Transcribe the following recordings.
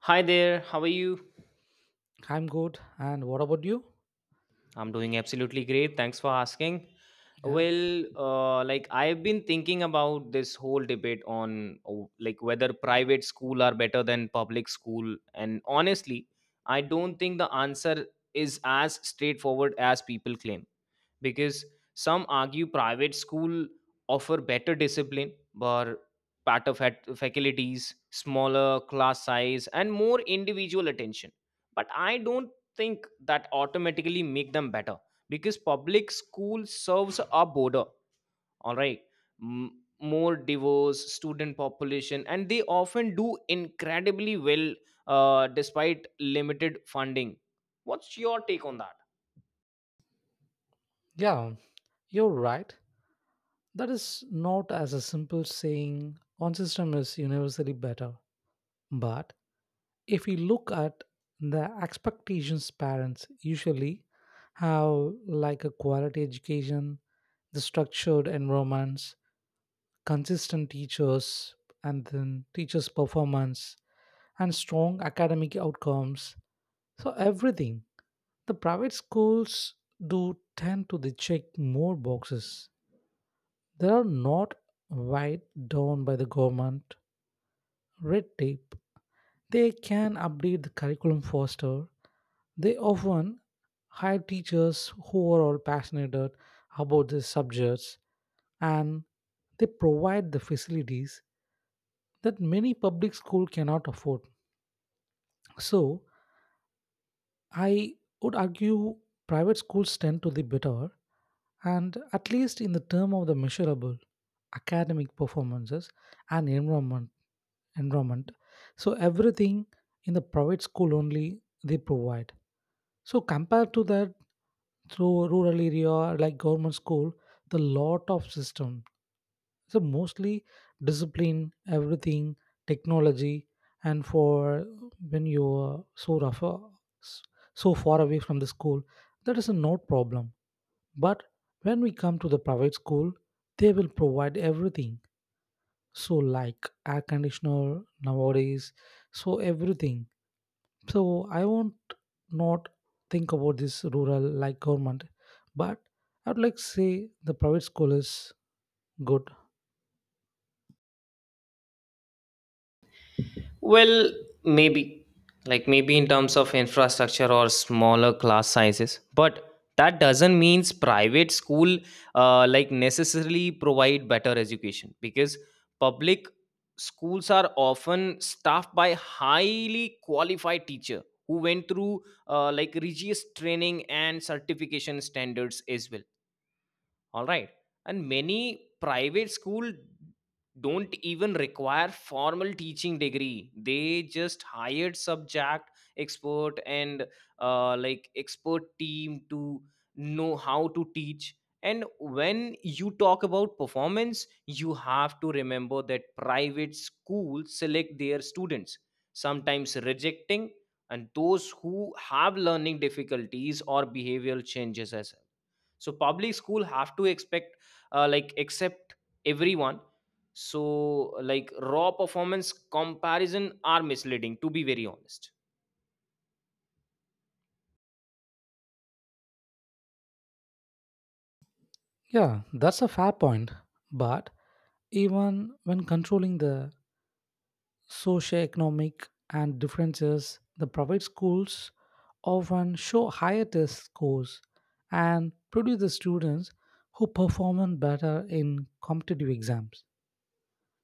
Hi there, how are you? I'm good. And what about you? I'm doing absolutely great. Thanks for asking. Yeah. Well, I've been thinking about this whole debate on whether private school are better than public school, and honestly, I don't think the answer is as straightforward as people claim, because some argue private school offer better discipline, but faculties, smaller class size, and more individual attention, but I don't think that automatically make them better, because public school serves a border, all right, more diverse student population, and they often do incredibly well despite limited funding. What's your take on that? Yeah, you're right. That is not as a simple saying one system is universally better. But if we look at the expectations parents usually have like a quality education, the structured environments, consistent teachers, and then teachers performance and strong academic outcomes, so everything the private schools do tend to they check more boxes. They are not weighed down by the government red tape. They can update the curriculum faster. They often hire teachers who are all passionate about these subjects, and they provide the facilities that many public school cannot afford. So I would argue private schools tend to be better, and at least in the term of the measurable academic performances and enrollment, so everything in the private school only they provide. So compared to that, through rural area like government school, the lot of system. So mostly discipline, everything, technology, and for when you are so rough, s- so far away from the school, that is a no problem. But when we come to the private school, they will provide everything. So like air conditioner nowadays, so everything, so I won't not think about this rural like government, but I would like to say the private school is good. Well, maybe. Like maybe in terms of infrastructure or smaller class sizes. But that doesn't means private school necessarily provide better education, because public schools are often staffed by highly qualified teacher who went through rigorous training and certification standards as well, all right, and many private school don't even require formal teaching degree. They just hired subject expert, and expert team to know how to teach. And when you talk about performance, you have to remember that private schools select their students, sometimes rejecting, and those who have learning difficulties or behavioral changes as well. So public school have to expect like accept everyone. So like raw performance comparison are misleading, to be very honest. Yeah, that's a fair point, but even when controlling the socio-economic and differences, the private schools often show higher test scores and produce the students who perform better in competitive exams.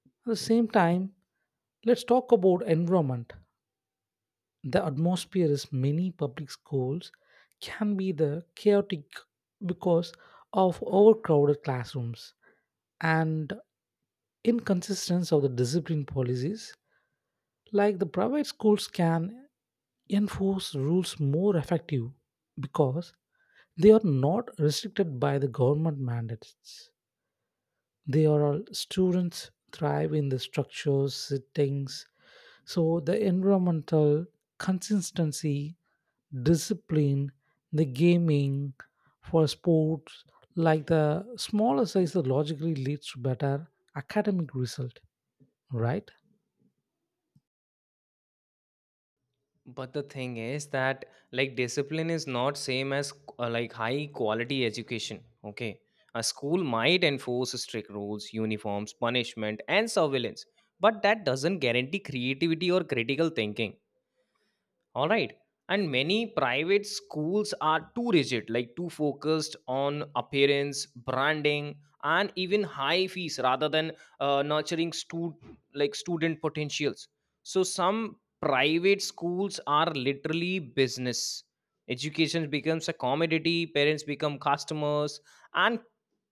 At the same time, let's talk about environment. The atmosphere is many public schools can be the chaotic because of overcrowded classrooms and inconsistency of the discipline policies. Like the private schools can enforce rules more effective because they are not restricted by the government mandates. They are all students thrive in the structures, settings, so the environmental consistency, discipline, the gaming for sports, like the smaller size that logically leads to better academic result, right? But the thing is that like discipline is not same as high quality education. Okay. A school might enforce strict rules, uniforms, punishment, and surveillance, but that doesn't guarantee creativity or critical thinking. All right. And many private schools are too rigid, like too focused on appearance, branding, and even high fees rather than uh, nurturing stu- like student potentials. So some private schools are literally business. Education becomes a commodity, parents become customers, and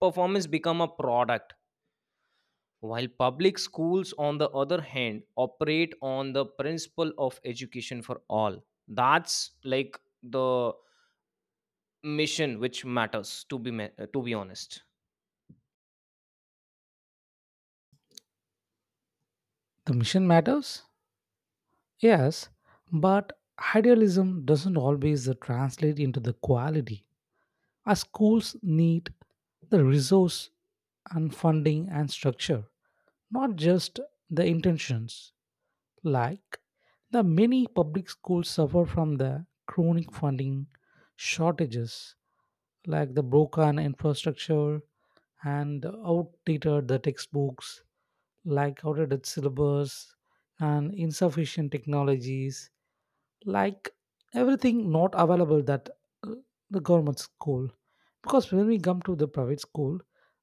performance become a product, while public schools, on the other hand, operate on the principle of education for all. That's like the mission which matters, to be honest. The mission matters, yes, but idealism doesn't always translate into the quality. As schools need the resource and funding and structure, not just the intentions. Like the many public schools suffer from the chronic funding shortages, like the broken infrastructure and outdated the textbooks, like outdated syllabus and insufficient technologies, like everything not available that uh, the government school, because when we come to the private school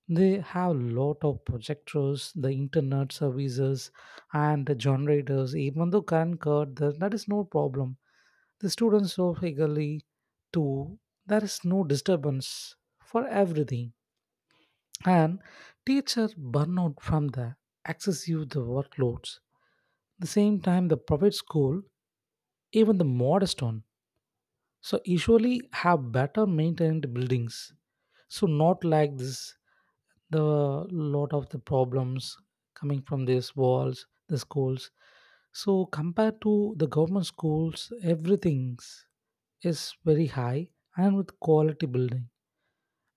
they have a lot of projectors, the internet services and the generators, even though current cut that is no problem. The students so eagerly to there is no disturbance for everything, and teacher burnout from the excessive the workloads. The same time the private school even the modest one so usually have better maintained buildings, so not like this the lot of the problems coming from these walls the schools. So compared to the government schools everything is very high, and with quality building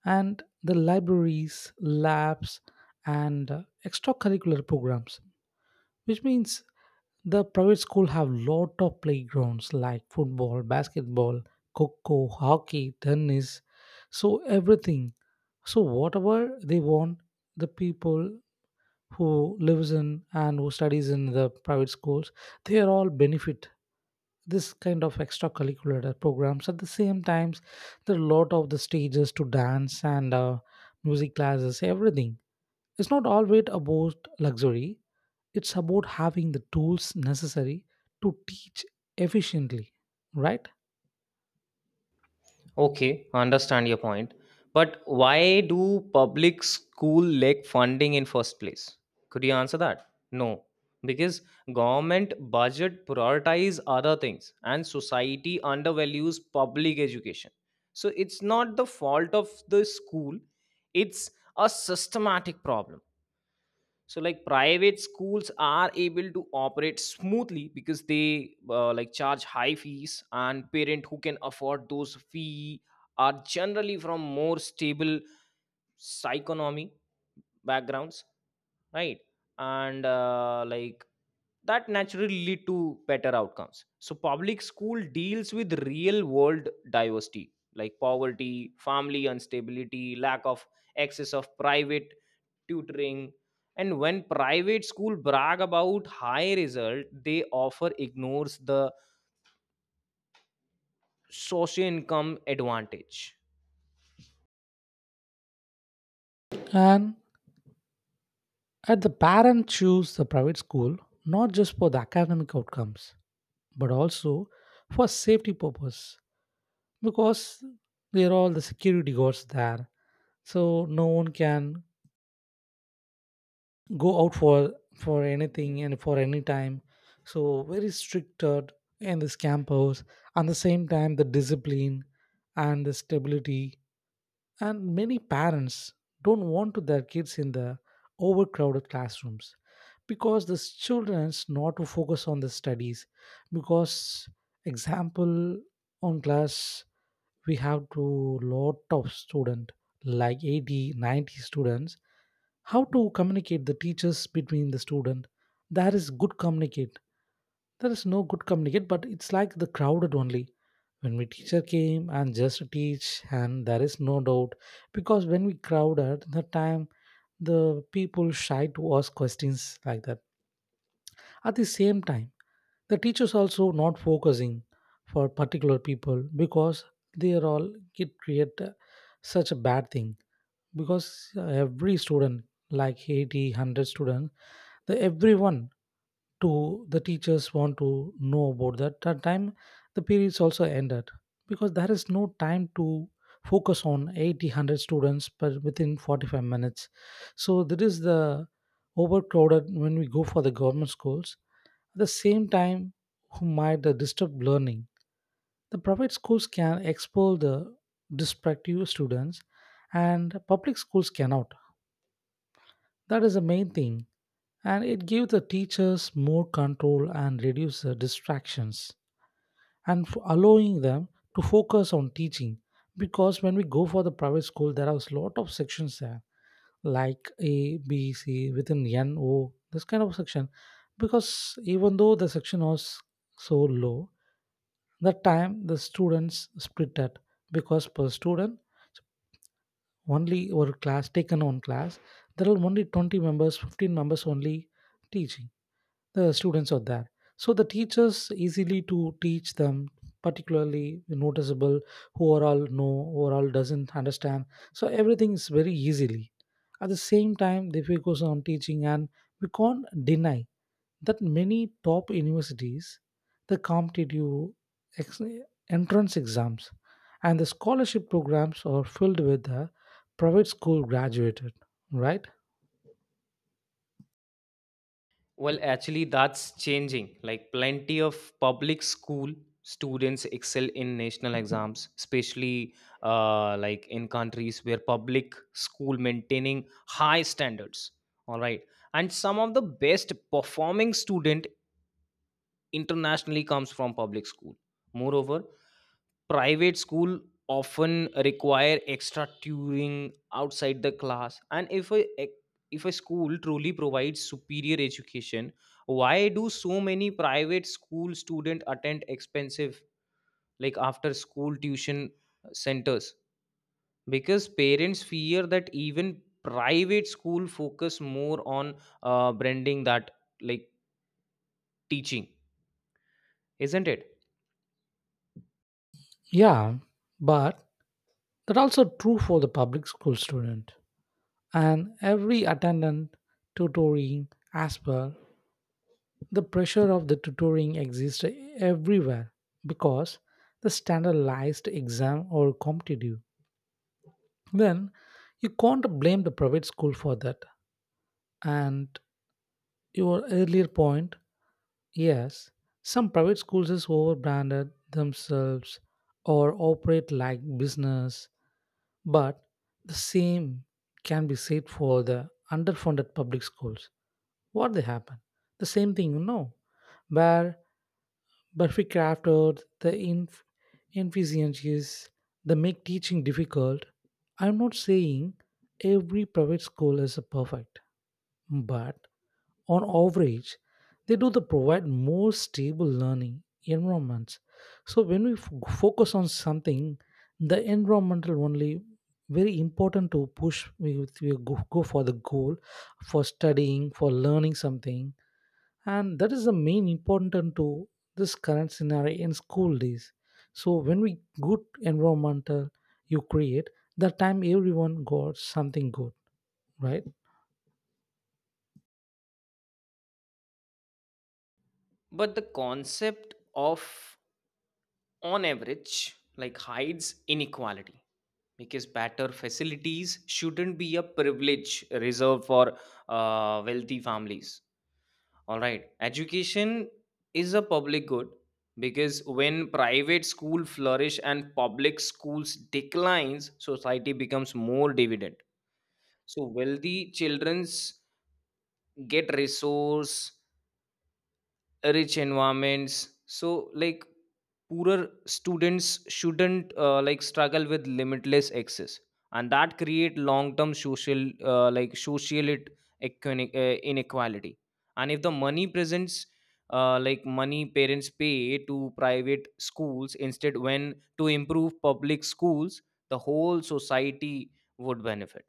and the libraries labs and extracurricular programs, which means the private school have lot of playgrounds like football, basketball, coco hockey, tennis, so everything, so whatever they want, the people who lives in and who studies in the private schools, they are all benefit this kind of extracurricular programs. At the same times there are a lot of the stages to dance and music classes, everything. It's not always about luxury, it's about having the tools necessary to teach efficiently, right? Okay, I understand your point. But why do public school lack funding in first place? Could you answer that? No, because government budget prioritize other things and society undervalues public education. So it's not the fault of the school, it's a systematic problem. So like private schools are able to operate smoothly because they charge high fees, and parent who can afford those fee are generally from more stable psychonomy backgrounds, right? And that naturally lead to better outcomes. So public school deals with real world diversity like poverty, family instability, lack of access of private tutoring. And when private school brag about high result they offer, ignores the socio income advantage. And at the parent choose the private school not just for the academic outcomes, but also for safety purpose because they're all the security guards there. So no one can go out for anything and for any time, so very strict in this campus. At the same time the discipline and the stability, and many parents don't want to their kids in the overcrowded classrooms because the children's not to focus on the studies because example on class we have to lot of student like 80, 90 students. How to communicate the teachers between the student? There is good communicate. There is no good communicate, but it's like the crowded only. When we teacher came and just teach, and there is no doubt because when we crowded the time, the people shy to ask questions like that. At the same time, the teachers also not focusing for particular people because they are all it create such a bad thing because every student like 80 100 students the everyone to the teachers want to know about that that time the periods also ended because there is no time to focus on 80 100 students per within 45 minutes, so that is the overcrowded when we go for the government schools. At the same time who might disturb learning, the private schools can expose the destructive students, and public schools cannot. That is the main thing. And it gives the teachers more control and reduce the distractions and allowing them to focus on teaching. Because when we go for the private school, there are a lot of sections there, like A, B, C, within N, O, this kind of section. Because even though the section was so low, that time the students split it because per student only or class taken on class there are only 20 members 15 members only teaching the students are there, so the teachers easily to teach them, particularly noticeable who are all know who are all doesn't understand, so everything is very easily. At the same time they focus on teaching, and we can't deny that many top universities the competitive ex- entrance exams and the scholarship programs are filled with the private school graduated, right? Well, actually, that's changing. Like plenty of public school students excel in national exams, especially in countries where public school maintaining high standards, all right, and some of the best performing student internationally comes from public school. Moreover, private school often require extra tutoring outside the class, and if a school truly provides superior education, why do so many private school students attend expensive like after school tuition centers? Because parents fear that even private school focus more on branding that like teaching, isn't it? Yeah, but that also true for the public school student and every attendant tutoring as well. The pressure of the tutoring exists everywhere because the standardized exam or competitive, then you can't blame the private school for that. And your earlier point, yes, some private schools is overbranded themselves or operate like business, but the same can be said for the underfunded public schools. What they happen? The same thing, you know, where Burfi crafted the inefficiencies that make teaching difficult. I'm not saying every private school is a perfect, but on average, they do the provide more stable learning environments. So when we focus on something, the environmental only very important to push. We go for the goal for studying, for learning something, and that is the main important to this current scenario in school days. So when we good environmental you create, that time everyone got something good, right? But the concept of on average like hides inequality, because better facilities shouldn't be a privilege reserved for wealthy families. All right, education is a public good, because when private school flourish and public schools declines, society becomes more dividend. So wealthy childrens get resource rich environments, so like poorer students shouldn't struggle with limitless access, and that create long term inequality. And if the money presents like money parents pay to private schools instead when to improve public schools, the whole society would benefit.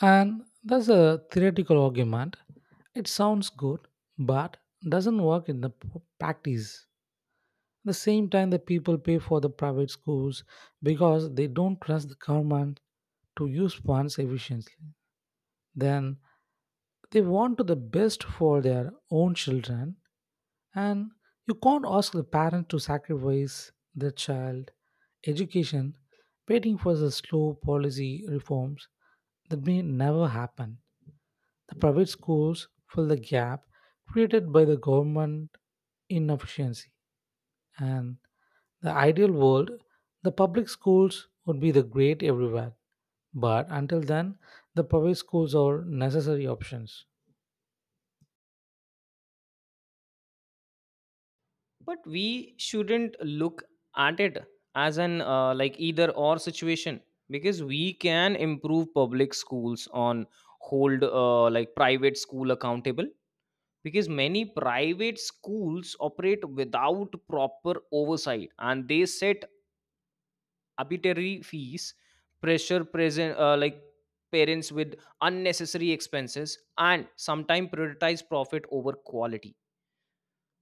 And that's a theoretical argument. It sounds good, but doesn't work in the practice. At the same time, the people pay for the private schools because they don't trust the government to use funds efficiently. Then they want to the best for their own children, and you can't ask the parent to sacrifice their child education, waiting for the slow policy reforms that may never happen. The private schools fill the gap created by the government inefficiency. And the ideal world, the public schools would be the great everywhere. But until then, the private schools are necessary options. But we shouldn't look at it as an either or situation, because we can improve public schools on hold private school accountable, because many private schools operate without proper oversight, and they set arbitrary fees, pressure present like parents with unnecessary expenses, and sometimes prioritize profit over quality.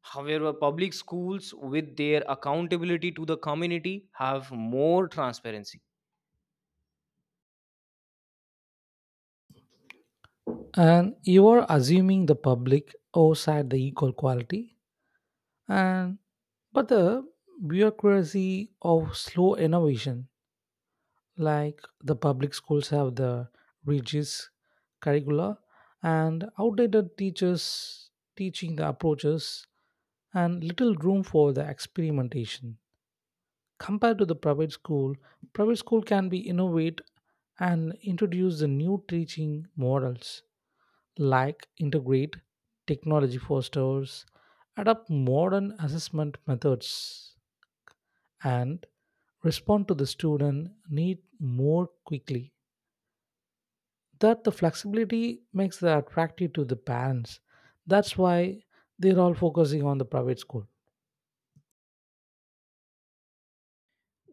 However, public schools, with their accountability to the community, have more transparency. And you are assuming the public outside the equal quality. And but the bureaucracy of slow innovation like the public schools have the rigid curricula and outdated teachers teaching the approaches and little room for the experimentation compared to the private school. Private school can be innovate and introduce the new teaching models like integrate technology fosters adopt modern assessment methods and respond to the student need more quickly, that the flexibility makes it attractive to the parents. That's why they're all focusing on the private school.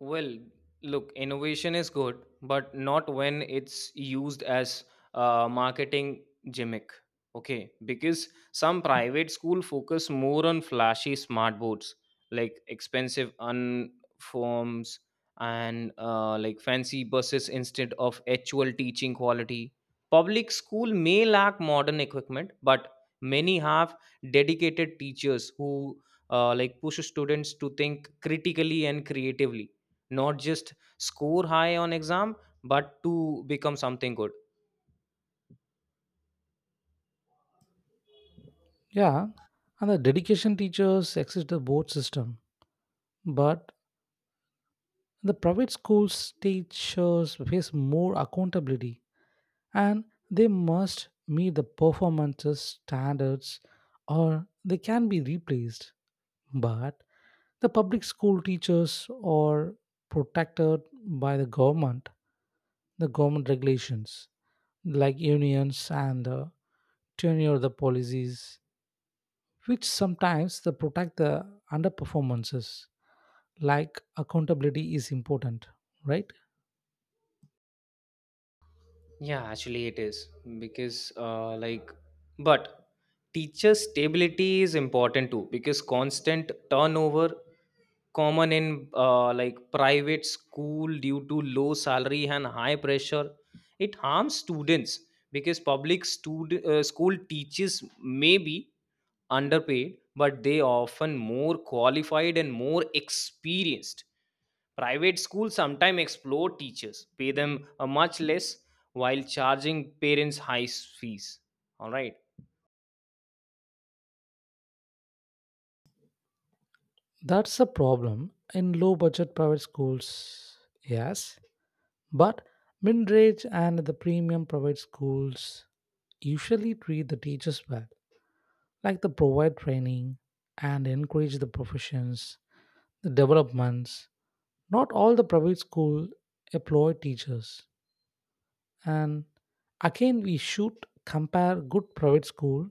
Well, look, innovation is good, but not when it's used as a marketing gimmick. Okay, because some private school focus more on flashy smart boards, like expensive uniforms and fancy buses instead of actual teaching quality. Public school may lack modern equipment, but many have dedicated teachers who push students to think critically and creatively, not just score high on exam, but to become something good. Yeah, and the dedication teachers exist the board system, but the private schools teachers face more accountability and they must meet the performances standards or they can be replaced. But the public school teachers are protected by the government regulations like unions and tenure the policies, which sometimes they protect the underperformances, like accountability is important, right? Yeah, actually it is, because like but teacher stability is important too, because constant turnover common in private school due to low salary and high pressure, it harms students. Because school teachers may be underpaid, but they often more qualified and more experienced. Private schools sometimes exploit teachers, pay them much less while charging parents high fees. All right. That's a problem in low budget private schools, yes, but mid-range and the premium private schools usually treat the teachers well, like they provide training and encourage the professions the developments. Not all the private school employ teachers. And again, we should compare good private school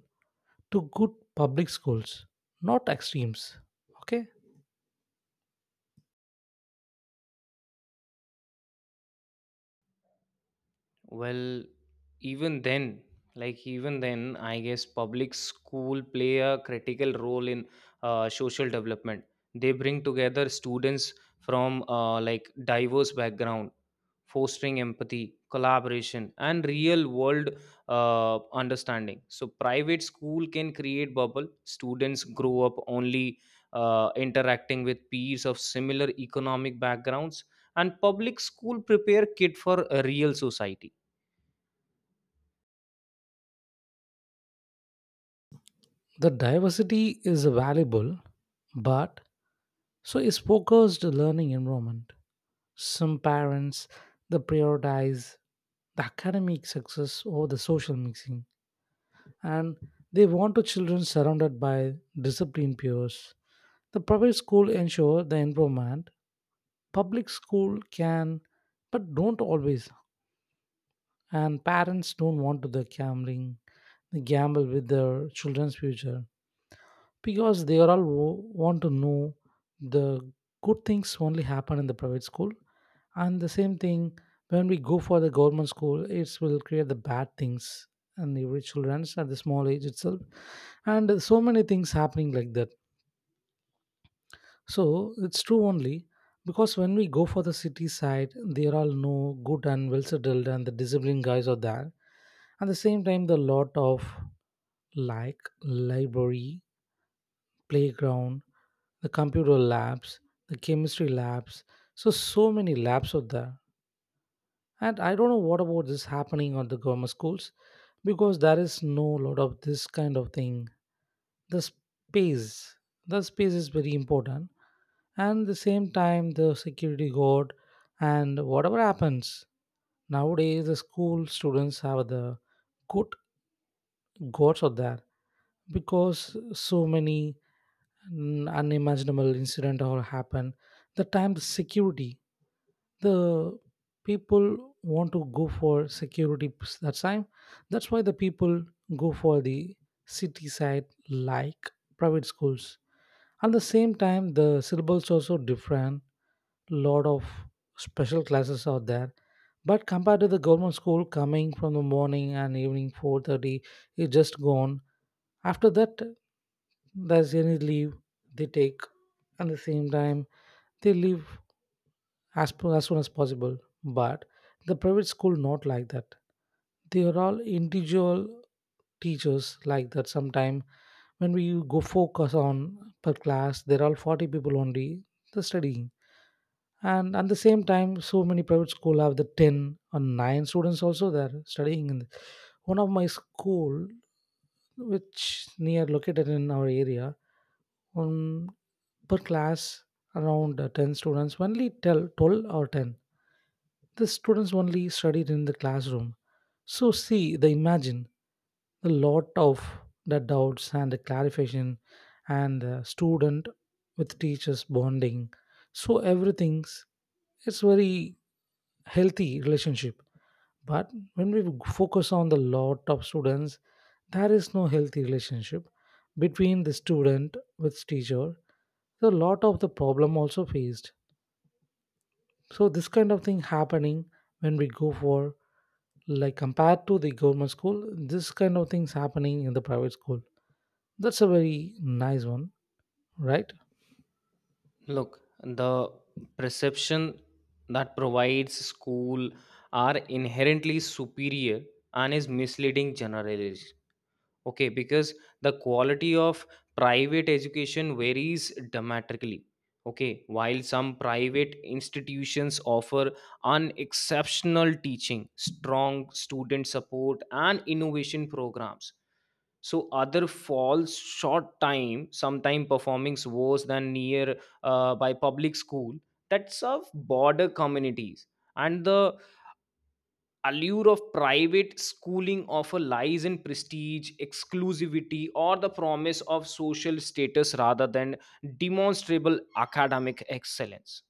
to good public schools, not extremes. Okay? Well, even then, like even then, I guess public school play a critical role in social development. They bring together students from diverse background, fostering empathy, collaboration, and real world understanding. So private school can create bubble. Students grow up only interacting with peers of similar economic backgrounds, and public school prepare kid for a real society. The diversity is valuable, but so is focused learning environment. Some parents they prioritize the academic success over the social mixing, and they want the children surrounded by disciplined peers. The private school ensure the environment, public school can but don't always, and parents don't want to the gambling gamble with their children's future because they are all want to know the good things only happen in the private school, and the same thing when we go for the government school it will create the bad things, and every children's at the small age itself, and so many things happening like that. So it's true only because when we go for the city side, there are all no good and well settled and the disciplined guys are there. At the same time, the lot of like library, playground, the computer labs, the chemistry labs. So so many labs are there, and I don't know what about this happening on the government schools because there is no lot of this kind of thing. The space, the space is very important. And the same time, the security guard and whatever happens nowadays, the school students have the good gods out there because so many unimaginable incident all happen. The time the security the people want to go for security that time, that's why the people go for the city side like private schools. At the same time the syllables also different, lot of special classes out there, but compared to the government school coming from the morning and evening 4:30 it's just gone, after that there's any leave they take, at the same time they leave as, as soon as possible. But the private school not like that. They are all individual teachers like that. Sometime when we go focus on per class, there are all 40 people only the studying. And at the same time, so many private school have the 10 or 9 students also there studying. One of my school which near located in our area. Um, Per class, around 10 students, only tell 12 or 10. The students only studied in the classroom. So see, they imagine a lot of the doubts and the clarification and the student with teachers bonding. So everything's it's very healthy relationship, but when we focus on the lot of students there is no healthy relationship between the student with teacher, so a lot of the problem also faced, so this kind of thing happening when we go for like compared to the government school, this kind of things happening in the private school, that's a very nice one, right? Look, the perception that provides school are inherently superior and is misleading okay, because the quality of private education varies dramatically. Okay, while some private institutions offer unexceptional teaching, strong student support, and innovation programs, so other falls short time, sometime performing worse than near by public school that serve border communities. And the allure of private schooling often lies in prestige, exclusivity, or the promise of social status rather than demonstrable academic excellence.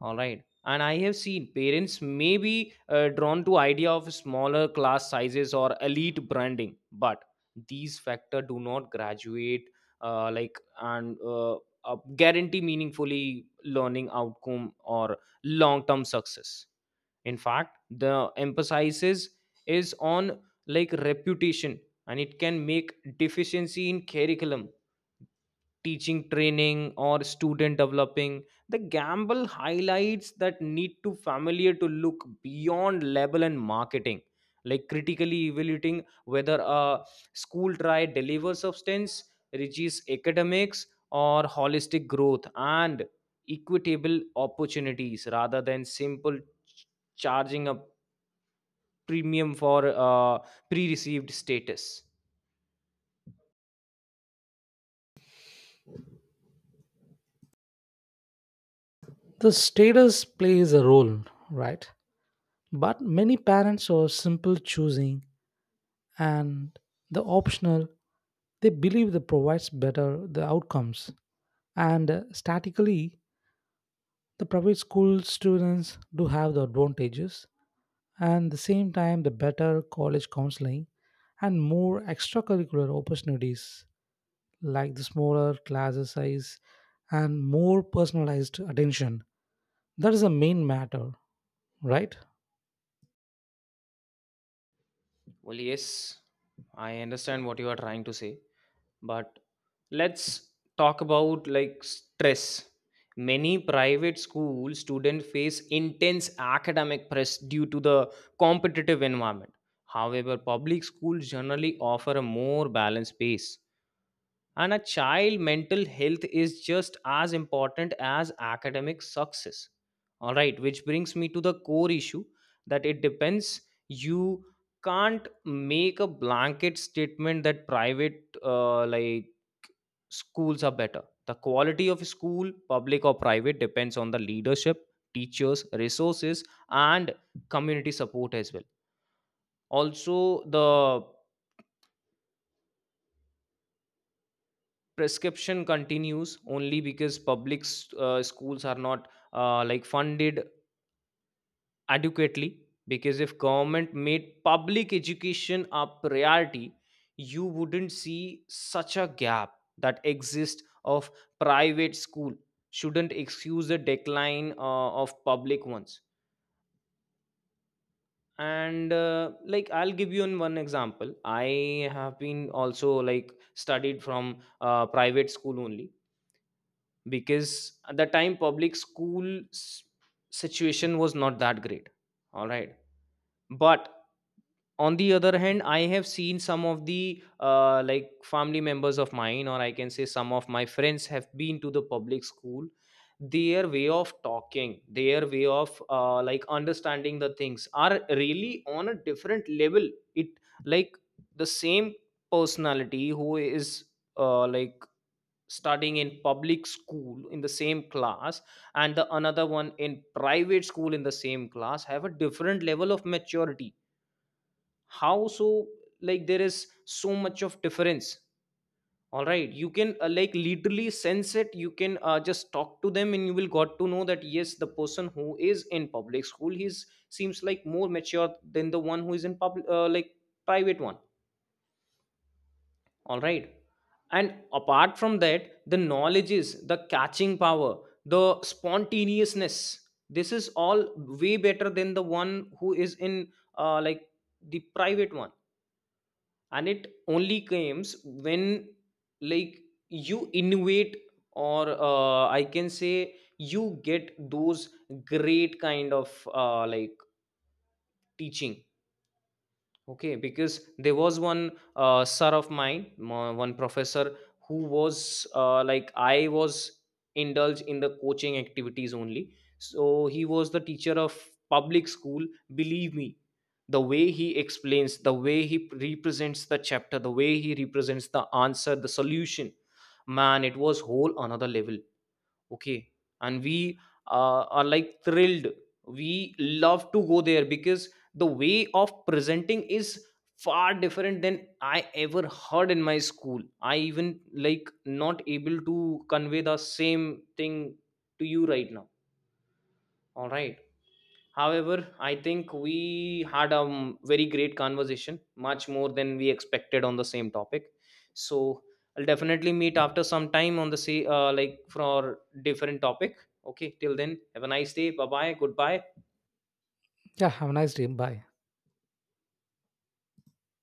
All right. And I have seen parents may be drawn to idea of smaller class sizes or elite branding, but these factor do not graduate like and guarantee meaningfully learning outcome or long term success. In fact, the emphasis is on like reputation, and it can make deficiency in curriculum teaching training or student developing the gamble highlights that need to familiar to look beyond label and marketing, like critically evaluating whether a school try delivers substance, reaches academics, or holistic growth and equitable opportunities rather than ch- charging a premium for uh, pre-received status. The status plays a role, right, but many parents are simple choosing and the optional they believe that provides better the outcomes, and statically the private school students do have the advantages, and the same time the better college counseling and more extracurricular opportunities like the smaller class size and more personalized attention, that is the main matter, right? Well, yes, I understand what you are trying to say, but let's talk about like stress. Many private school students face intense academic press due to the competitive environment. However, public schools generally offer a more balanced pace, and a child mental health is just as important as academic success. All right, which brings me to the core issue, that it depends. You can't make a blanket statement that private schools are better. The quality of school, public or private, depends on the leadership, teachers, resources, and community support as well. Also, the prescription continues only because schools are not funded adequately, because if government made public education a priority, you wouldn't see such a gap that exists of private school shouldn't excuse the decline of public ones. And I'll give you an one example. I have been also like studied from private school only, because at the time s- situation was not that great, all right? But on the other hand, I have seen some of the family members of mine, or I can say some of my friends have been to the public school. Their way of talking, their way of understanding the things are really on a different level. It like the same personality who is uh, like studying in public school in the same class and the another one in private school in the same class have a different level of maturity. How so? Like there is so much of difference, all right? You can literally sense it. You can just talk to them and you will got to know that yes, the person who is in public school, he's seems like more mature than the one who is in public like private one, all right? And apart from that, the knowledge is the catching power, the spontaneousness, this is all way better than the one who is in uh, like the private one. And it only comes when like you innovate, or I can say you get those great kind of teaching Okay, because there was one sir of mine, mo- one professor who was I was indulged in the coaching activities only. So he was the teacher of public school. Believe me, the way he explains, the way he represents the chapter, the way he represents the answer, the solution, man, it was whole another level. Okay, and we are like thrilled. We love to go there because the way of presenting is far different than I ever heard in my school. I even like not able to convey the same thing to you right now, all right? However, I think we had a very great conversation, much more than we expected on the same topic. So I'll definitely meet after some time on the say like for different topic. Okay, till then, have a nice day. Bye bye. Goodbye. Yeah, have a nice day, bye.